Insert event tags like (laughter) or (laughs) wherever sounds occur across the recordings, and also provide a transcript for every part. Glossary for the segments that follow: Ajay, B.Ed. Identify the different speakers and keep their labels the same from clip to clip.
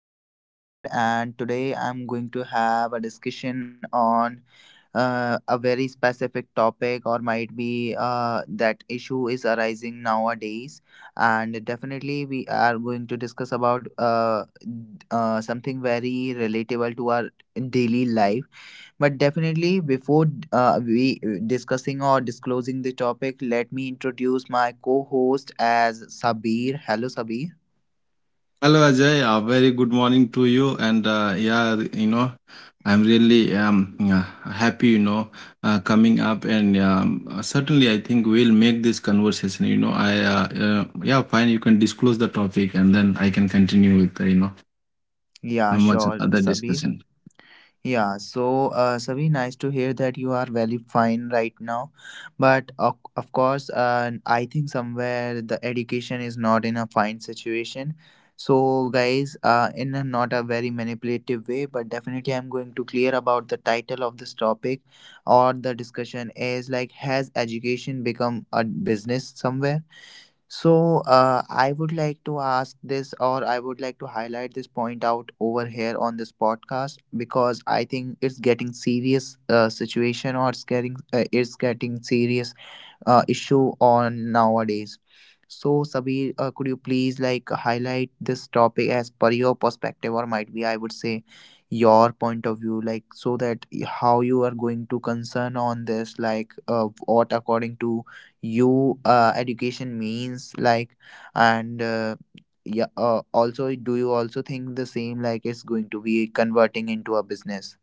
Speaker 1: Ajay this side, and today I'm going to have a discussion on a very specific topic, or might be that issue is arising nowadays. And definitely, we are going to discuss about something very relatable to our daily life. But definitely, before we discussing or disclosing the topic, let me introduce my co host as Sabir. Hello, Sabir.
Speaker 2: Hello Ajay, a very good morning to you. And yeah, I'm really yeah, happy, coming up. And certainly, I think we'll make this conversation. Yeah, fine, you can disclose the topic, and then I can continue with, how
Speaker 1: Yeah,
Speaker 2: much
Speaker 1: sure,
Speaker 2: other
Speaker 1: Sabir.
Speaker 2: discussion.
Speaker 1: Yeah, so Sabi, nice to hear that you are very fine right now. But of course, I think somewhere the education is not in a fine situation. So, guys, in a not a very manipulative way, but definitely I'm going to clear about the title of this topic, or the discussion is like, has education become a business somewhere? So, I would like to ask this, or I would like to highlight this point out over here on this podcast because I think it's getting serious situation, or it's getting serious issue on nowadays. So, Sabir, could you please like highlight this topic as per your perspective, or might be I would say your point of view, like so that how you are going to concern on this, like what according to you education means, like and. Yeah also do you also think the same like it's going to be converting into a business,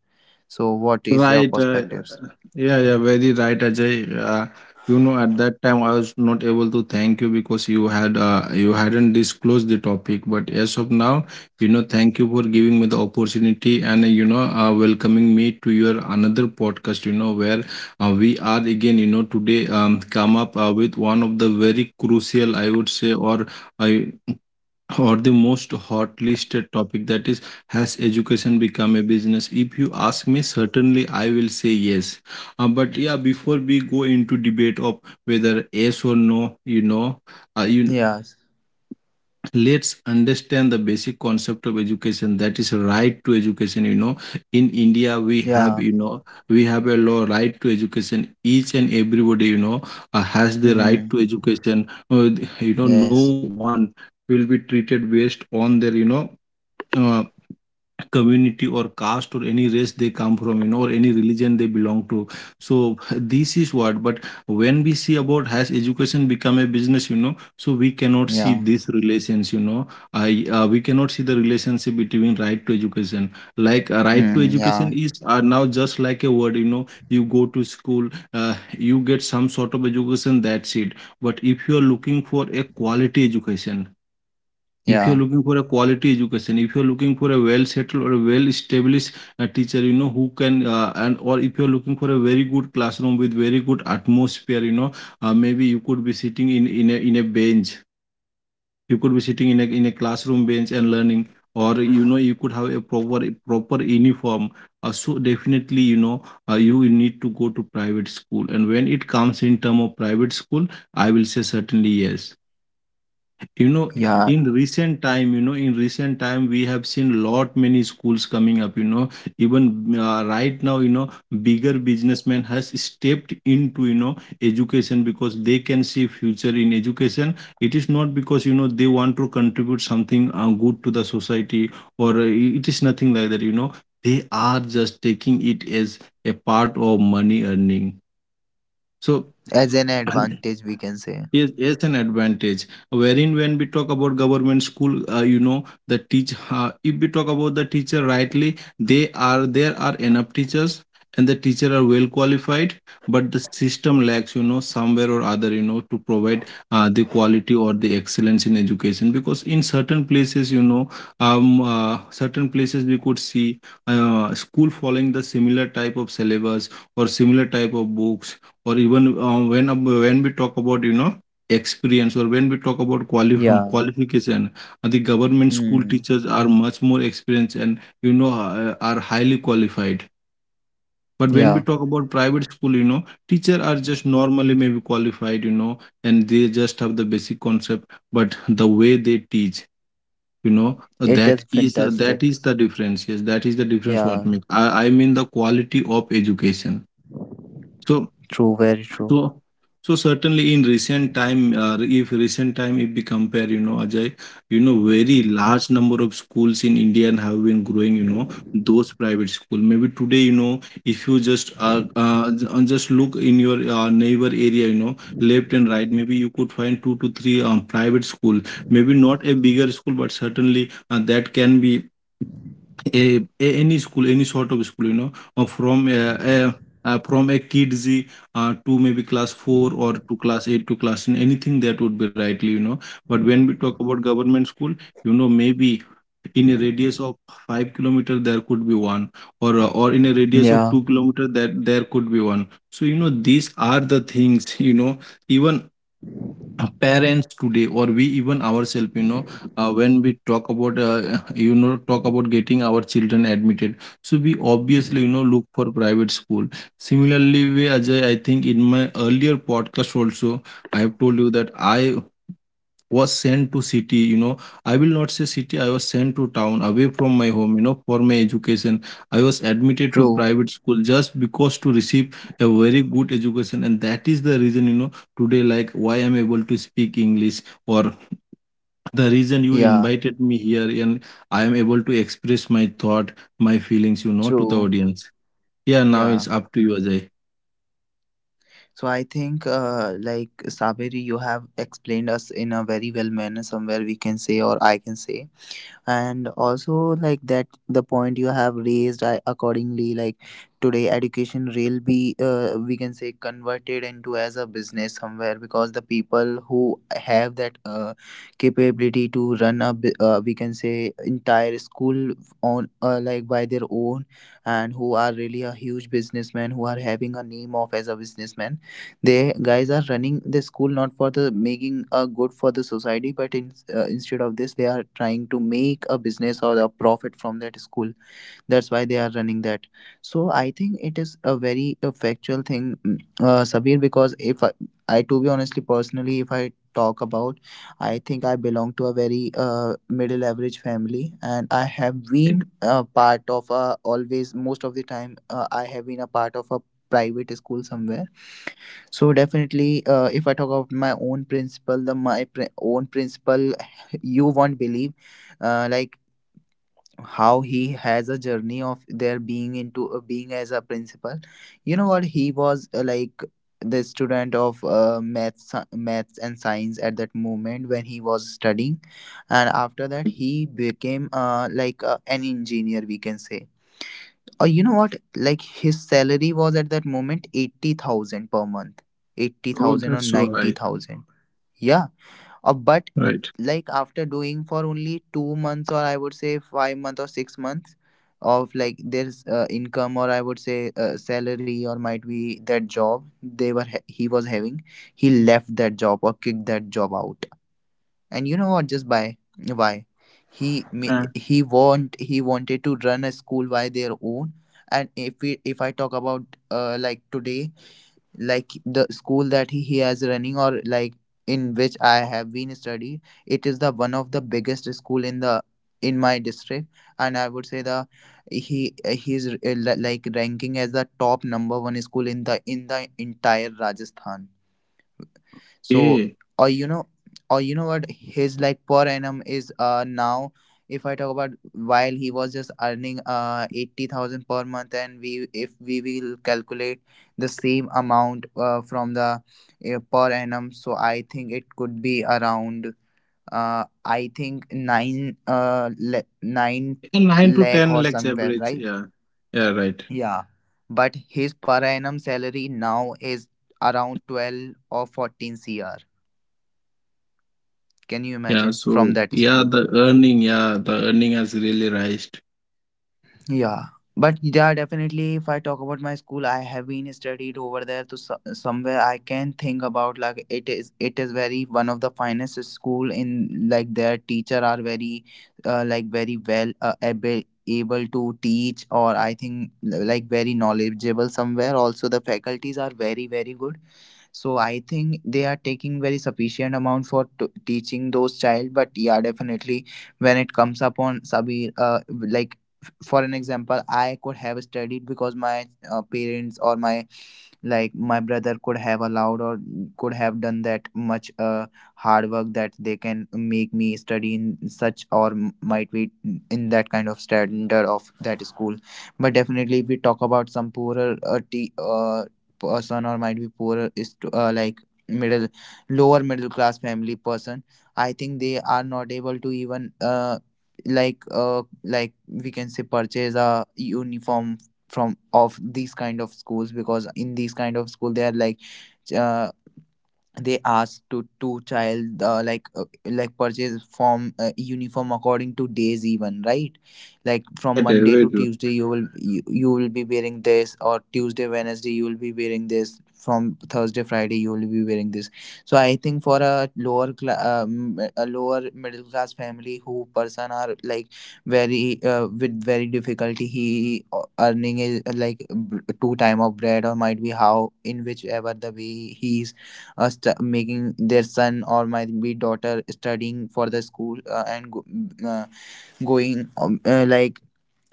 Speaker 1: so what is your
Speaker 2: Right. Uh,
Speaker 1: perspectives?
Speaker 2: yeah, yeah, very right, Ajay. At that time I was not able to thank you, because you hadn't disclosed the topic. But as of now, thank you for giving me the opportunity, and welcoming me to your another podcast. Where we are again. Today come up with one of the very crucial, I would say, or I or the most hot listed topic, that is, has education become a business? If you ask me, certainly I will say yes. But yeah, before we go into debate of whether yes or no, you know you
Speaker 1: Yes.
Speaker 2: let's understand the basic concept of education, that is, right to education. You know, in India we have
Speaker 1: Yeah.
Speaker 2: you know we have a law, right to education. Each and everybody, has the right to
Speaker 1: Mm-hmm.
Speaker 2: education. uh, no
Speaker 1: Yes.
Speaker 2: one will be treated based on their, uh, community or caste or any race they come from, or any religion they belong to. So (laughs) this is what. But when we see about, has education become a business? So we cannot see
Speaker 1: Yeah.
Speaker 2: these relations. You know I We cannot see the relationship between right to education. Like, right to
Speaker 1: Mm,
Speaker 2: education
Speaker 1: yeah.
Speaker 2: is, now just like a word. You know, you go to school, you get some sort of education, that's it. But if you are looking for a quality education, if you're
Speaker 1: Yeah.
Speaker 2: looking for a quality education, if you're looking for a well settled or a well established teacher, you know, who can, and or if you're looking for a very good classroom with very good atmosphere, you know, maybe you could be sitting in, a, in a bench. You could be sitting in a, classroom bench and learning, or you know, you could have a proper uniform. So definitely, you know, you will need to go to private school. And when it comes in term of private school, I will say certainly yes, you know.
Speaker 1: Yeah.
Speaker 2: In recent time, you know, in recent time we have seen lot many schools coming up, you know. Even right now, you know, bigger businessmen has stepped into, you know, education, because they can see future in education. It is not because, you know, they want to contribute something good to the society, or it is nothing like that, you know. They are just taking it as a part of money earning. So
Speaker 1: As an
Speaker 2: (clears throat)
Speaker 1: advantage, we can say.
Speaker 2: yes, it's an advantage. Wherein, when we talk about government school, you know, the teach. If we talk about the teacher rightly, they are there are enough teachers, and the teacher are well qualified, but the system lacks, you know, somewhere or other, you know, to provide the quality or the excellence in education. Because in certain places, you know, certain places we could see school following the similar type of syllabus, or similar type of books, or even when we talk about, you know, experience, or when we talk about quali- (laughs)
Speaker 1: Yeah.
Speaker 2: qualification, the government school
Speaker 1: Mm,
Speaker 2: teachers are much more experienced, and you know are highly qualified. But when
Speaker 1: yeah.
Speaker 2: we talk about private school, you know, teacher are just normally maybe qualified, you know, and they just have the basic concept. But the way they teach, you know,
Speaker 1: It is
Speaker 2: that
Speaker 1: fantastic.
Speaker 2: is the difference. Yes, that is the difference. What
Speaker 1: Yeah.
Speaker 2: make I mean, the quality of education. So
Speaker 1: True. Very true.
Speaker 2: So, so certainly in recent time, if we compare, you know, Ajay, you know, very large number of schools in India and have been growing, you know, those private school. Maybe today, you know, if you just just look in your neighbor area, you know, left and right, maybe you could find two to three private school. Maybe not a bigger school, but certainly that can be any school, any sort of school, you know, or uh, from a kids to maybe class 4, or to class 8 to class 9, anything that would be rightly, you know. But when we talk about government school, you know, maybe in a radius of 5-kilometer there could be one, or in a radius of
Speaker 1: Yeah.
Speaker 2: 2 kilometer that there could be one. So you know, these are the things (laughs) you know. Even parents today, or we even ourselves, you know, when we talk about, (laughs) you know, talk about getting our children admitted, so we obviously, you know, look for private school. Similarly way, Ajay, I think in my earlier podcast also I have told you that I was sent to city, you know, I will not say city, I was sent to town away from my home, you know, for my education. I was admitted to
Speaker 1: True.
Speaker 2: private school just because to receive a very good education, and that is the reason, you know, today like why I'm able to speak English, or the reason you
Speaker 1: Yeah.
Speaker 2: invited me here, and I am able to express my thought, my feelings, you know, to the
Speaker 1: True.
Speaker 2: audience. Yeah, now
Speaker 1: Yeah.
Speaker 2: it's up to you, Ajay.
Speaker 1: So I think, like Saberi, you have explained us in a very well manner. Somewhere we can say, or I can say, and also like that the point you have raised I accordingly like today education will be, we can say, converted into as a business somewhere because the people who have that capability to run a we can say entire school on like by their own, and who are really a huge businessman who are having a name of as a businessman, they guys are running the school not for the making a good for the society, but in, instead of this, they are trying to make a business or a profit from that school. That's why they are running that. So I think it is a very factual thing, mm, Sabir. Because if I, to be honestly, personally, if I talk about, I think I belong to a very middle average family, and I have been a part of a always most of the time. I have been a part of a private school somewhere, so definitely, if I talk about my own principle, the own principle, (laughs) you won't believe, like how he has a journey of there being into being as a principal. You know what? He was like the student of maths and science at that moment when he was studying, and after that he became like an engineer, we can say. You know what? Like his salary was at that moment 80,000 per month. 80,000 or
Speaker 2: Right,
Speaker 1: 90,000. Yeah. But
Speaker 2: right.
Speaker 1: like after doing for only 2 months or I would say 5 months or 6 months of like their income or I would say salary or might be that job he was having, he left that job or kicked that job out, and you know what, just by why he ma- he want he wanted to run a school by their own. And if I talk about like today, like the school that he has running, or like in which I have been studied, it is the one of the biggest school in the in my district, and I would say the he like ranking as the top number one school in the entire Rajasthan. So,
Speaker 2: Okay.
Speaker 1: or you know, or you know what his like per annum is now. If I talk about while he was just earning 80,000 per month, and we if we will calculate the same amount from the per annum, so I think it could be around I think nine
Speaker 2: Yeah, 9 to
Speaker 1: lakh
Speaker 2: 10
Speaker 1: or
Speaker 2: lakhs
Speaker 1: somewhere,
Speaker 2: average.
Speaker 1: right?
Speaker 2: Yeah, yeah, right.
Speaker 1: Yeah, but his per annum salary now is around 12 or 14 cr. Can you
Speaker 2: Yeah,
Speaker 1: imagine from
Speaker 2: so
Speaker 1: that school?
Speaker 2: yeah, the earning has really raised.
Speaker 1: Yeah, but yeah, definitely. If I talk about my school, I have been studied over there to somewhere I can think about. Like it is very one of the finest school in like their teacher are very, like very well able to teach, or I think like very knowledgeable somewhere. Also, the faculties are very good, so I think they are taking very sufficient amount for teaching those child, but yeah definitely, when it comes upon Sabir, like for an example I could have studied because my parents or my like my brother could have allowed, or could have done that much hard work that they can make me study in such, or might be in that kind of standard of that school. But definitely if we talk about some poorer person, or might be poorer is to, like middle lower middle class family person, I think they are not able to even like we can say purchase a uniform from of these kind of schools, because in these kind of school they are like uh, they asked to two child like purchase form uniform according to days even, right? Like from
Speaker 2: Better,
Speaker 1: Monday
Speaker 2: very
Speaker 1: to
Speaker 2: true.
Speaker 1: Tuesday you will you will be wearing this, or Tuesday Wednesday you will be wearing this, from Thursday Friday you will be wearing this. So I think for a a lower middle class family who person are like very with very difficulty he earning is two time of bread, or might be how in whichever the way he's making their son, or might be daughter, studying for the school uh, going um, uh, like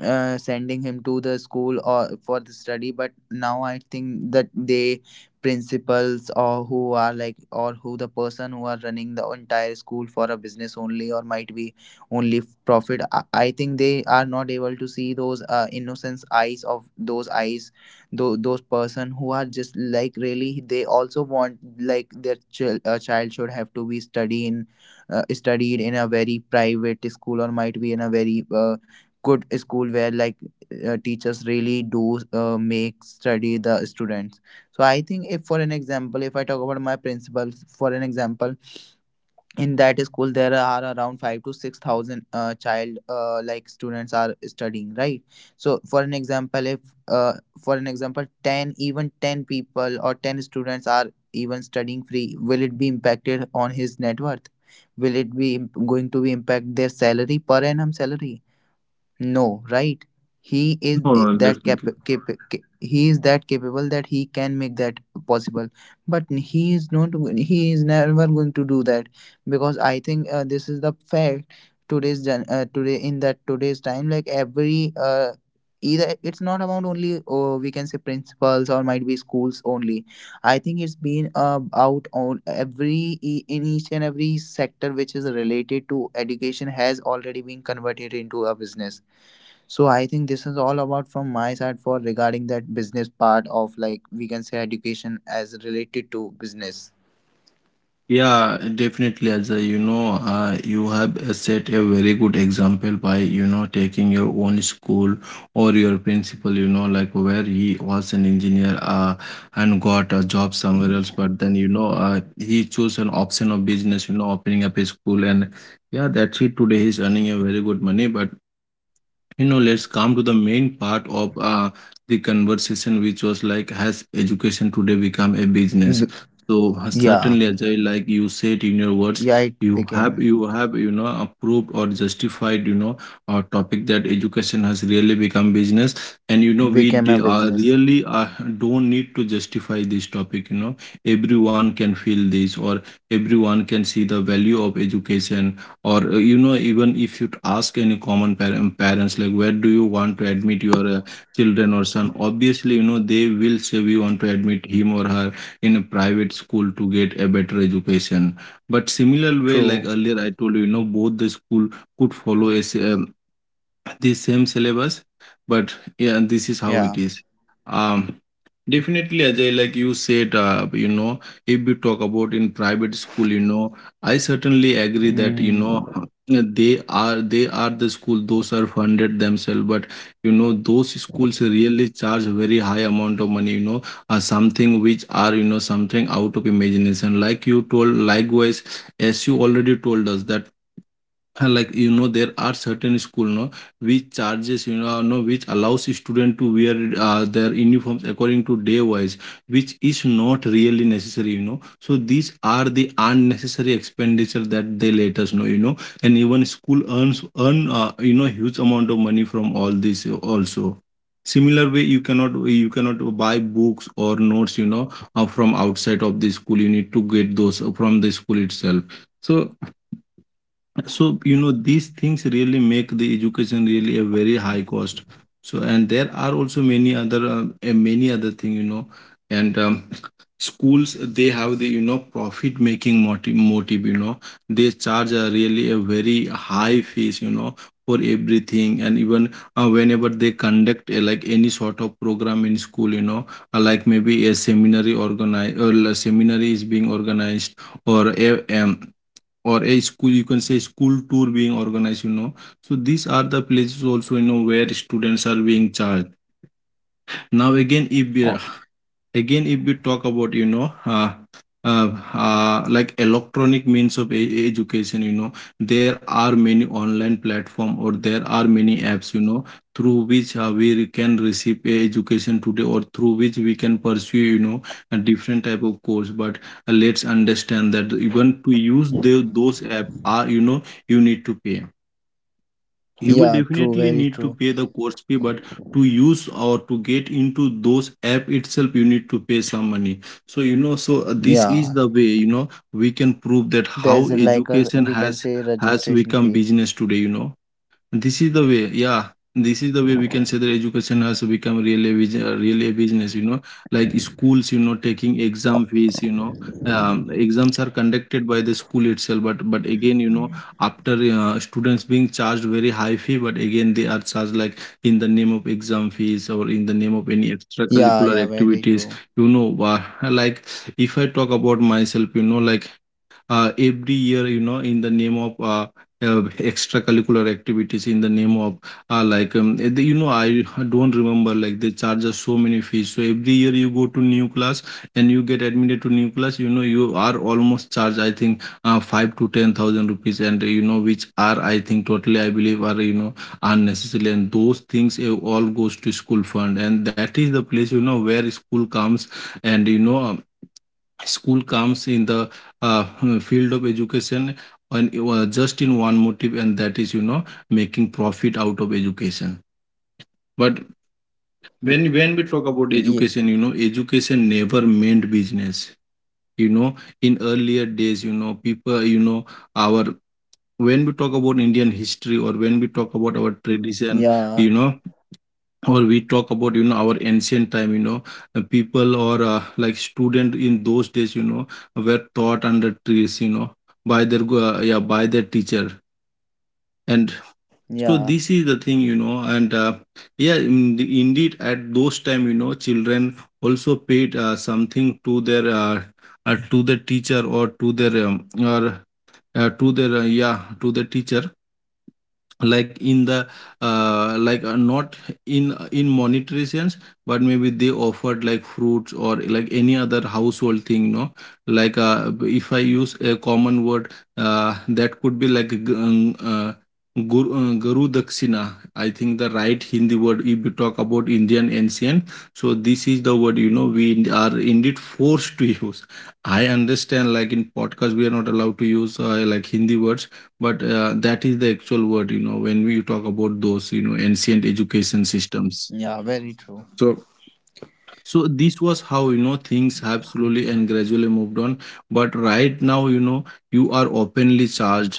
Speaker 1: uh, sending him to the school or for the study. But now I think that they principals or who are like, or who the person who are running the entire school for a business only, or might be only profit, I think they are not able to see those innocence eyes of those eyes, those person who are just like really they also want like their child should have to be study in studied in a very private school, or might be in a very good school where like teachers really do make study the students. So I think if for an example, if I talk about my principal, for an example, in that school there are around 5 to 6,000 child like students are studying, right? So for an example if uh, for an example 10, even 10 people, or 10 students are even studying free, will it be impacted on his net worth, will it be going to be impact their salary per annum salary? No, right? He is
Speaker 2: No,
Speaker 1: eh,
Speaker 2: no,
Speaker 1: that cap-
Speaker 2: definitely.
Speaker 1: cap- ca- he is that capable that he can make that possible. But he is not. He is never going to do that, because I think this is the fact. Today in that today's time, like every either it's not about only oh, we can say principals, or might be schools only. I think it's been out on every in each and every sector which is related to education has already been converted into a business. So I think this is all about from my side for regarding that business part of like we can say education as related to business.
Speaker 2: Yeah, definitely, Ajay. You know, you have set a very good example by, you know, taking your own school or your principal, you know, like where he was an engineer, and got a job somewhere else. But then, you know, he chose an option of business, you know, opening up a school. And yeah, that's it. Today he's earning a very good money. But you know, let's come to the main part of the conversation, which was like, has education today become a business?
Speaker 1: B-
Speaker 2: So
Speaker 1: yeah,
Speaker 2: certainly, Ajay, like you said in your words,
Speaker 1: yeah, it
Speaker 2: you have, you know, approved or justified, you know, our topic, that education has really become business. And you know,
Speaker 1: became a business.
Speaker 2: really don't need to justify this topic, you know. Everyone can feel this, or everyone can see the value of education. Or you know, even if you ask any common parents, like where do you want to admit your children or son, obviously, you know, they will say we want to admit him or her in a private school to get a better education. But similar way, like
Speaker 1: True.
Speaker 2: earlier I told you, you know, both the school could follow the same syllabus. But yeah, this is how it
Speaker 1: Yeah.
Speaker 2: is. um Definitely, Ajay, like you said, you know, if we talk about in private school, you know, I certainly agree that, you
Speaker 1: Mm.
Speaker 2: know, (laughs) they are, the school, those are funded themselves. But you know, those schools really charge very high amount of money, you know, something which are, you know, something out of imagination, like you told likewise, as you already told us that (laughs) like you know, there are certain school, no, which charges, you know, no, which allows student to wear their uniforms according to day wise, which is not really necessary, you know. So these are the unnecessary expenditure that they let us know, you know. And even school earns earn you know, huge amount of money from all this also. Similar way, you cannot, buy books or notes, you know, from outside of the school, you need to get those from the school itself. So you know, these things really make the education really a very high cost. So, and there are also many other thing, you know. And schools, they have the, you know, profit making motive, you know. They charge a really a very high fees, you know, for everything. And even whenever they conduct like any sort of program in school, you know, like maybe a seminary organize, or a seminary is being organized, or or a school, you can say, school tour being organized, you know. So these are the places also, you know, where students are being charged. Now again if we-
Speaker 1: Oh,
Speaker 2: Again, if we talk about, you know, uh, like electronic means Of education, you know, there are many online platform, or there are many apps, you know, through which we can receive a education today, or through which we can pursue, you know, a different type of course. But let's understand that even to use those app are, you know, you need to pay. You will
Speaker 1: yeah. True.
Speaker 2: definitely
Speaker 1: Very
Speaker 2: need to
Speaker 1: true.
Speaker 2: pay the course fee. But to use or to get into those app itself, you need to pay some money. So you know, so this is
Speaker 1: Yeah.
Speaker 2: the way, you know, we can prove that how
Speaker 1: There's like a
Speaker 2: education
Speaker 1: we can
Speaker 2: has
Speaker 1: say registration
Speaker 2: become
Speaker 1: fee.
Speaker 2: business today, you know. This is the way, yeah. This is the way we can say that education has become really a, really a business, you know, like schools, you know, taking exam fees, you know, exams are conducted by the school itself. But again, you know, after students being charged very high fee, but again, they are charged like in the name of exam fees or in the name of any
Speaker 1: Yeah.
Speaker 2: extracurricular
Speaker 1: Yeah. Very
Speaker 2: activities,
Speaker 1: true.
Speaker 2: you know, like if I talk about myself, you know, like every year, you know, in the name of uh, extracurricular activities, in the name of you know, I don't remember, like they charge us so many fees. So every year you go to new class and you get admitted to new class, you know, you are almost charged, I think, 5 to 10 thousand rupees, and you know which are, I think, totally, I believe, are, you know, unnecessary. And those things, all goes to school fund, and that is the place, you know, where school comes. And you know, school comes in the uh, (laughs) field of education, and it was just in one motive, and that is, you know, making profit out of education. But when
Speaker 1: W-
Speaker 2: when we talk about
Speaker 1: y-
Speaker 2: education, you know, education never meant business. You know, in earlier days, you know, people, you know, our, when we talk about Indian history or when we talk about our tradition, you
Speaker 1: Yeah.
Speaker 2: know, or we talk about, you know, our ancient time, you know, people, or like student in those days, you know, were taught under trees, you know, by their yeah, by their teacher. And so
Speaker 1: Yeah.
Speaker 2: this is the thing, you know. And yeah, in indeed at those time, you know, children also paid something to their to the teacher, or to their yeah, to the teacher, like in the not in monetary sense, but maybe they offered like fruits or like any other household thing, no? Like if I use a common word, that could be like guru, guru dakshina, I think the right Hindi word, if you talk about Indian ancient. So this is the word, you know, we are indeed forced to (laughs) use. I understand, like in podcast we are not allowed to use, like Hindi words, but that is the actual word, you know, when we talk about those, you know, ancient education systems.
Speaker 1: Yeah. Very true.
Speaker 2: So so this was how, you know, things have slowly and gradually moved on. But right now, you know, you are openly charged.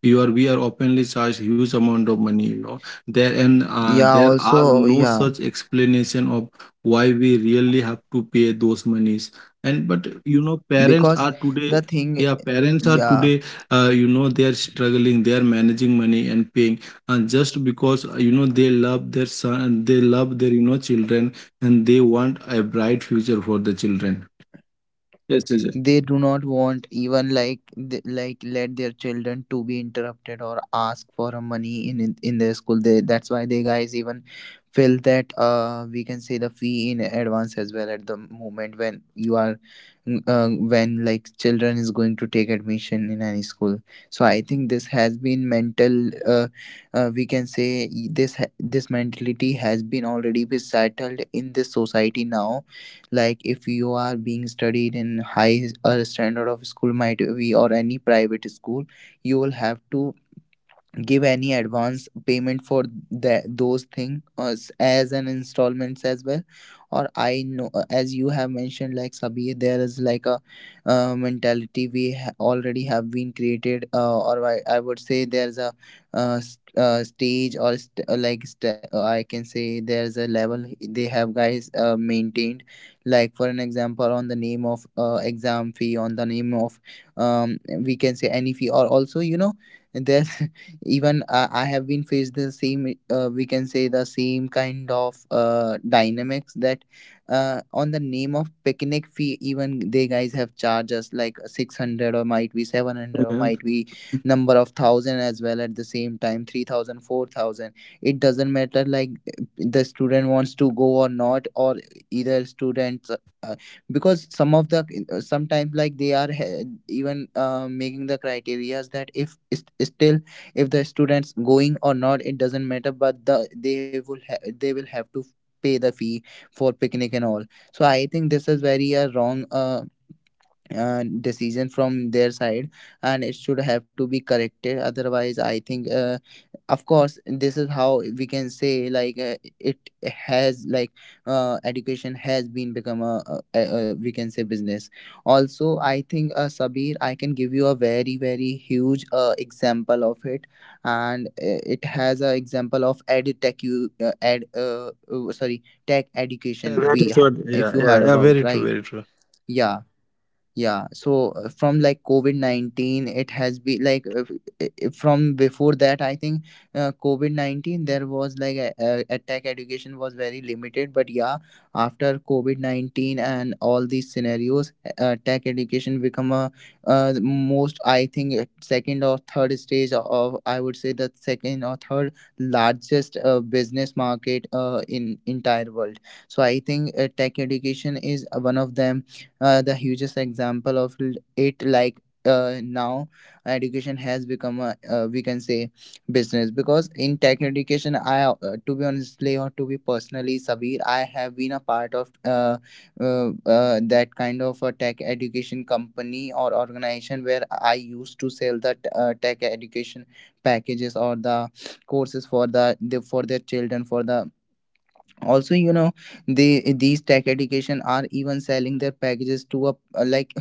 Speaker 2: You are We are openly charged huge amount of money, you know, there. And
Speaker 1: Yeah.
Speaker 2: there are
Speaker 1: Also.
Speaker 2: no
Speaker 1: Yeah.
Speaker 2: such explanation of why we really have to pay those monies. And but you know, parents are
Speaker 1: Because
Speaker 2: today,
Speaker 1: the
Speaker 2: yeah,
Speaker 1: thing.
Speaker 2: parents are
Speaker 1: Yeah,
Speaker 2: today, you know, they are struggling, they are managing money and paying, and just because, you know, they love their son, they love their, you know, children, and they want a bright future for the children. Yes, yes.
Speaker 1: they do not want even like like let their children to be interrupted or ask for a money in their school, that's why they guys even feel that we can say the fee in advance as well at the moment when you are when like children is going to take admission in any school. So I think this has been mental we can say this this mentality has been already be settled in this society now. Like if you are being studied in high standard of school might be or any private school, you will have to give any advance payment for those things as an installments as well. Or I know, as you have mentioned like Sabi, there is like a mentality we already have been created, or I would say there's a stage or like I can say there's a level they have guys maintained, like for an example on the name of exam fee, on the name of we can say any fee, or also you know and there's (laughs) even, I have been faced the same, we can say the same kind of dynamics. That on the name of picnic fee, even they guys have charged us like 600 or might be 700 or
Speaker 2: Okay.
Speaker 1: might be number of thousand as well, at the same time 3,000, 4,000. It doesn't matter like the student wants to go or not, or either students, because some of the, sometimes like they are even making the criterias that if it's still, if the students going or not, it doesn't matter, but the they they will have to pay the fee for picnic and all. So I think this is very a wrong decision from their side, and it should have to be corrected. Otherwise I think, of course, this is how we can say like, it has like, education has been become a we can say business. Also I think, Sabir, I can give you a very very huge example of it. And it has a example of ed tech, you ed sorry, tech
Speaker 2: Yeah,
Speaker 1: education
Speaker 2: that
Speaker 1: we
Speaker 2: is what,
Speaker 1: if
Speaker 2: yeah,
Speaker 1: you
Speaker 2: yeah
Speaker 1: heard
Speaker 2: yeah
Speaker 1: about,
Speaker 2: very true,
Speaker 1: right?
Speaker 2: very true.
Speaker 1: Yeah. Yeah, so from like COVID-19, it has been like if from before that, I think COVID-19, there was like a tech education was very limited. But yeah, after COVID-19 and all these scenarios, tech education become a most, I think, second or third stage of, I would say the second or third largest business market in entire world. So I think, tech education is one of them, the hugest example of it, like now education has become a, we can say, business. Because in tech education, I to be honestly or to be personally, Sabir, I have been a part of uh, that kind of a tech education company or organization where I used to sell the tech education packages, or the courses for the for their children, for the, also you know, they, these tech education are even selling their packages to a, like,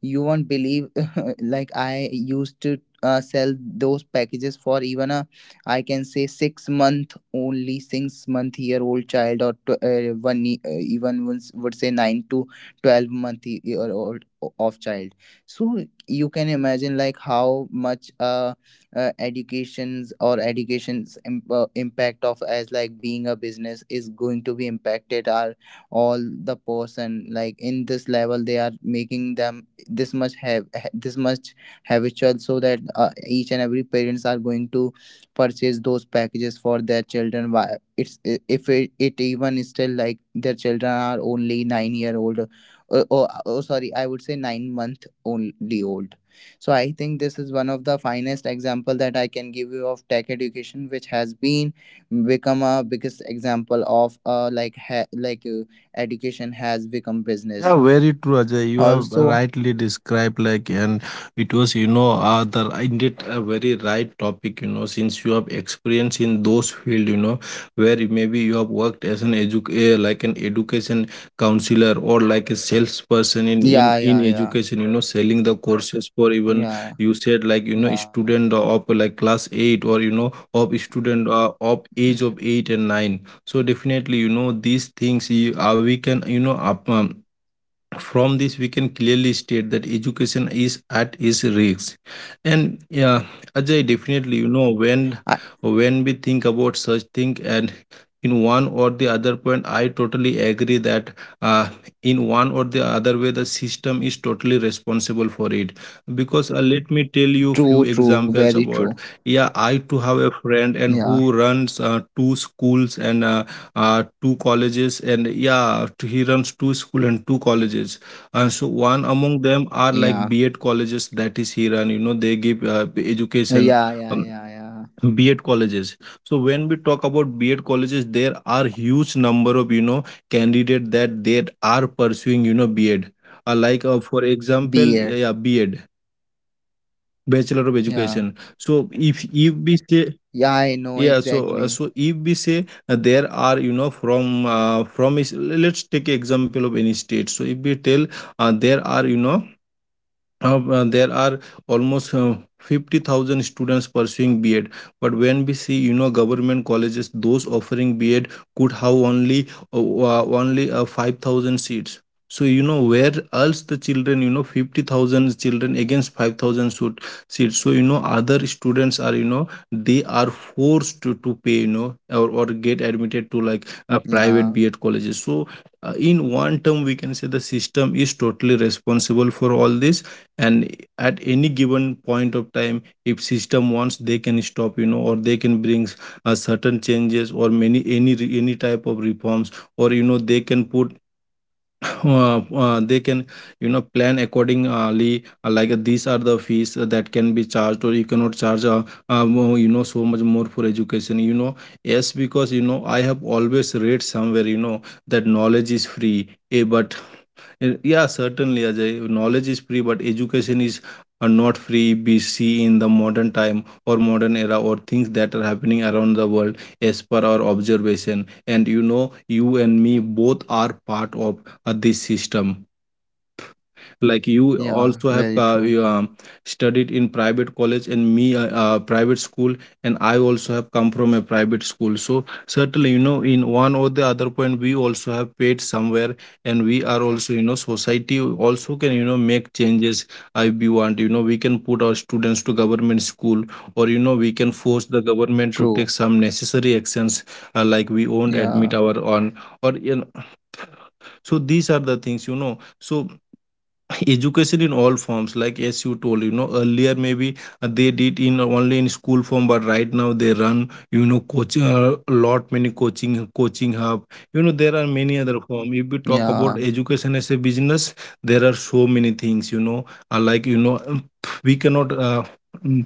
Speaker 1: you won't believe (laughs) like I used to sell those packages for even a, I can say, 6-month only, 6-month year old child, or one even once would say 9 to 12 month year old of child. So you can imagine like how much educations or education's impact of as like being a business is going to be impacted, are all the person like in this level they are making them this much this much habitual, so that each and every parents are going to purchase those packages for their children. It's if it even is still like their children are only 9-year-old or sorry I would say 9-month only old. So I think this is one of the finest example that I can give you of tech education, which has been become a biggest example of, like like education has become
Speaker 2: Yeah,
Speaker 1: business
Speaker 2: very true, Ajay. You have
Speaker 1: also.
Speaker 2: rightly described, like, and it was, you know, the indeed a very right topic, you know, since you have experience in those field, you know, where you- maybe you have worked as an like an education counselor, or like a salesperson in
Speaker 1: Yeah, yeah, yeah,
Speaker 2: education, you know, selling the courses for even
Speaker 1: yeah,
Speaker 2: you said like, you know,
Speaker 1: yeah.
Speaker 2: student of like class eight, or you know, of student of age of eight and nine. So definitely, you know, these things you, we can, you know, up. From this we can clearly state that education is at its risk. And yeah, Ajay, definitely, you know, when
Speaker 1: I,
Speaker 2: we think about such thing, and in one or the other point, I totally agree that uh, in one or the other way, the system is totally responsible for it. Because let me tell you few
Speaker 1: true, true, very
Speaker 2: examples
Speaker 1: true.
Speaker 2: about. Yeah, I too have a friend, and
Speaker 1: Yeah,
Speaker 2: who runs two schools and two colleges. And yeah, he runs two school and two colleges. And so one among them are
Speaker 1: yeah,
Speaker 2: like B B.Ed colleges, that is, he run, you know, they give
Speaker 1: yeah,
Speaker 2: education.
Speaker 1: yeah,
Speaker 2: Um,
Speaker 1: yeah, yeah.
Speaker 2: B.Ed colleges. So when we talk about B.Ed colleges, there are huge number of, you know, candidate that they are pursuing, you know, B.Ed. For example,
Speaker 1: Beard.
Speaker 2: yeah, B.Ed, Bachelor of
Speaker 1: Yeah,
Speaker 2: Education. So if we say,
Speaker 1: yeah. I know
Speaker 2: yeah, so
Speaker 1: exactly.
Speaker 2: so if we say, there are, you know, from is, let's take example of any state. So if we tell there are, you know, there are almost 50,000 students pursuing B.Ed. But when we see, you know, government colleges, those offering B.Ed could have only only 5,000 seats. So you know where else the children, you know, 50,000 children against 5,000 seats. So you know other students are, you know, they are forced to pay, you know, or get admitted to like private
Speaker 1: Yeah,
Speaker 2: B.Ed colleges. So in one term, we can say the system is totally responsible for all this. And at any given point of time, if system wants, they can stop, you know, or they can bring certain changes, or many any any type of reforms. Or, you know, they can put they can, you know, plan accordingly, like these are the fees that can be charged, or you cannot charge more, you know, so much more for education, you know. Yes, because, you know, I have always read somewhere, you know, that knowledge is free, but yeah, certainly, Ajay. Knowledge is free, but education is not free. We see in the modern time, or modern era, or things that are happening around the world, as per our observation. And you know, you and me both are part of this system. Like you
Speaker 1: yeah,
Speaker 2: also have
Speaker 1: very true.
Speaker 2: studied in private college, and me, private school. And I also have come from a private school. So certainly, you know, in one or the other point, we also have paid somewhere. And we are also, you know, society also can, you know, make changes. If we want, you know, we can put our students to government school, or you know, we can force the government to take
Speaker 1: True.
Speaker 2: some necessary actions, like we won't admit
Speaker 1: Yeah,
Speaker 2: our own, or you know, so these are the things, you know. So (laughs) education in all forms, like as you told, you know, earlier maybe they did in only in school form, but right now they run, you know, coaching, a lot many coaching, coaching hub, you know, there are many other form if we talk about
Speaker 1: yeah,
Speaker 2: education as a business. There are so many things, you know, uh, like you know um, we cannot, mm,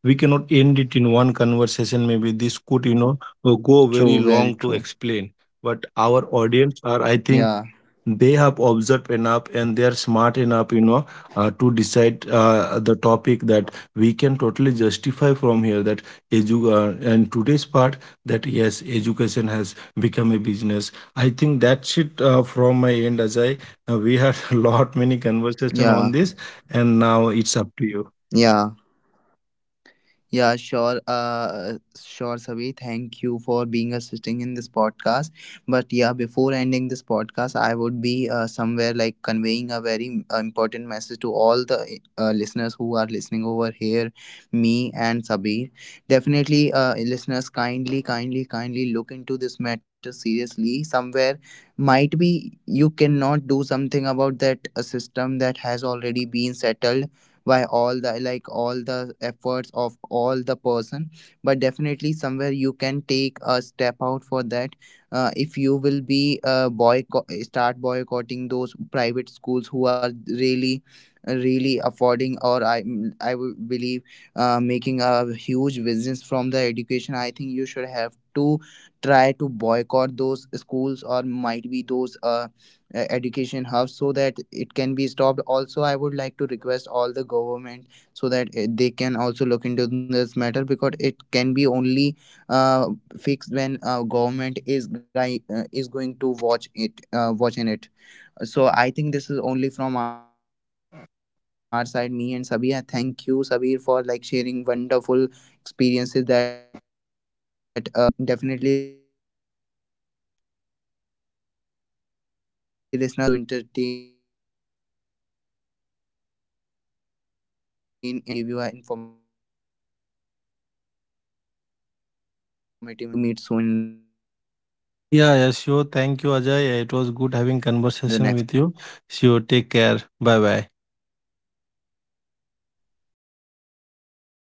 Speaker 2: we cannot end it in one conversation. Maybe this could, you know, go very
Speaker 1: true, very
Speaker 2: long to
Speaker 1: true.
Speaker 2: explain. But our audience are, I think,
Speaker 1: Yeah,
Speaker 2: they have observed enough, and they are smart enough, you know, to decide the topic, that we can totally justify from here that and today's part, that yes, education has become a business. I think that's it, from my end, Ajay. We had (laughs) a lot many conversation
Speaker 1: yeah,
Speaker 2: on this, and now it's up to you.
Speaker 1: yeah. Yeah, sure. Sure, Sabi. Thank you for being assisting in this podcast. But yeah, before ending this podcast, I would be somewhere like conveying a very important message to all the listeners who are listening over here, me and Sabi. Definitely, listeners, kindly, kindly, kindly look into this matter seriously. Somewhere might be you cannot do something about that system that has already been settled by all the, like all the efforts of all the person, but definitely somewhere you can take a step out for that. If you will be, boycott start boycotting those private schools who are really really affording, or I would believe, making a huge business from the education, I think you should have to try to boycott those schools, or might be those education hub, so that it can be stopped. Also I would like to request all the government, so that they can also look into this matter, because it can be only uh, fixed when government is going to watch it watch in it. So I think this is only from our side, me and Sabir. Thank you, Sabir, for like sharing wonderful experiences that can be helpful for all our listeners. And definitely, definitely listeners, me and Sabir are going for a next podcast soon, and going to entertain in each and every way, or we always try to give you informative information about any topic. So thank you, Sabir, we'll going to meet soon in the
Speaker 2: Yeah,
Speaker 1: next
Speaker 2: yeah, sure.
Speaker 1: podcast.
Speaker 2: Thank
Speaker 1: Bye
Speaker 2: you,
Speaker 1: bye, take
Speaker 2: Ajay. It
Speaker 1: care.
Speaker 2: was good having conversation with you. Sure, take care. Bye bye.
Speaker 1: Yeah. 拜拜。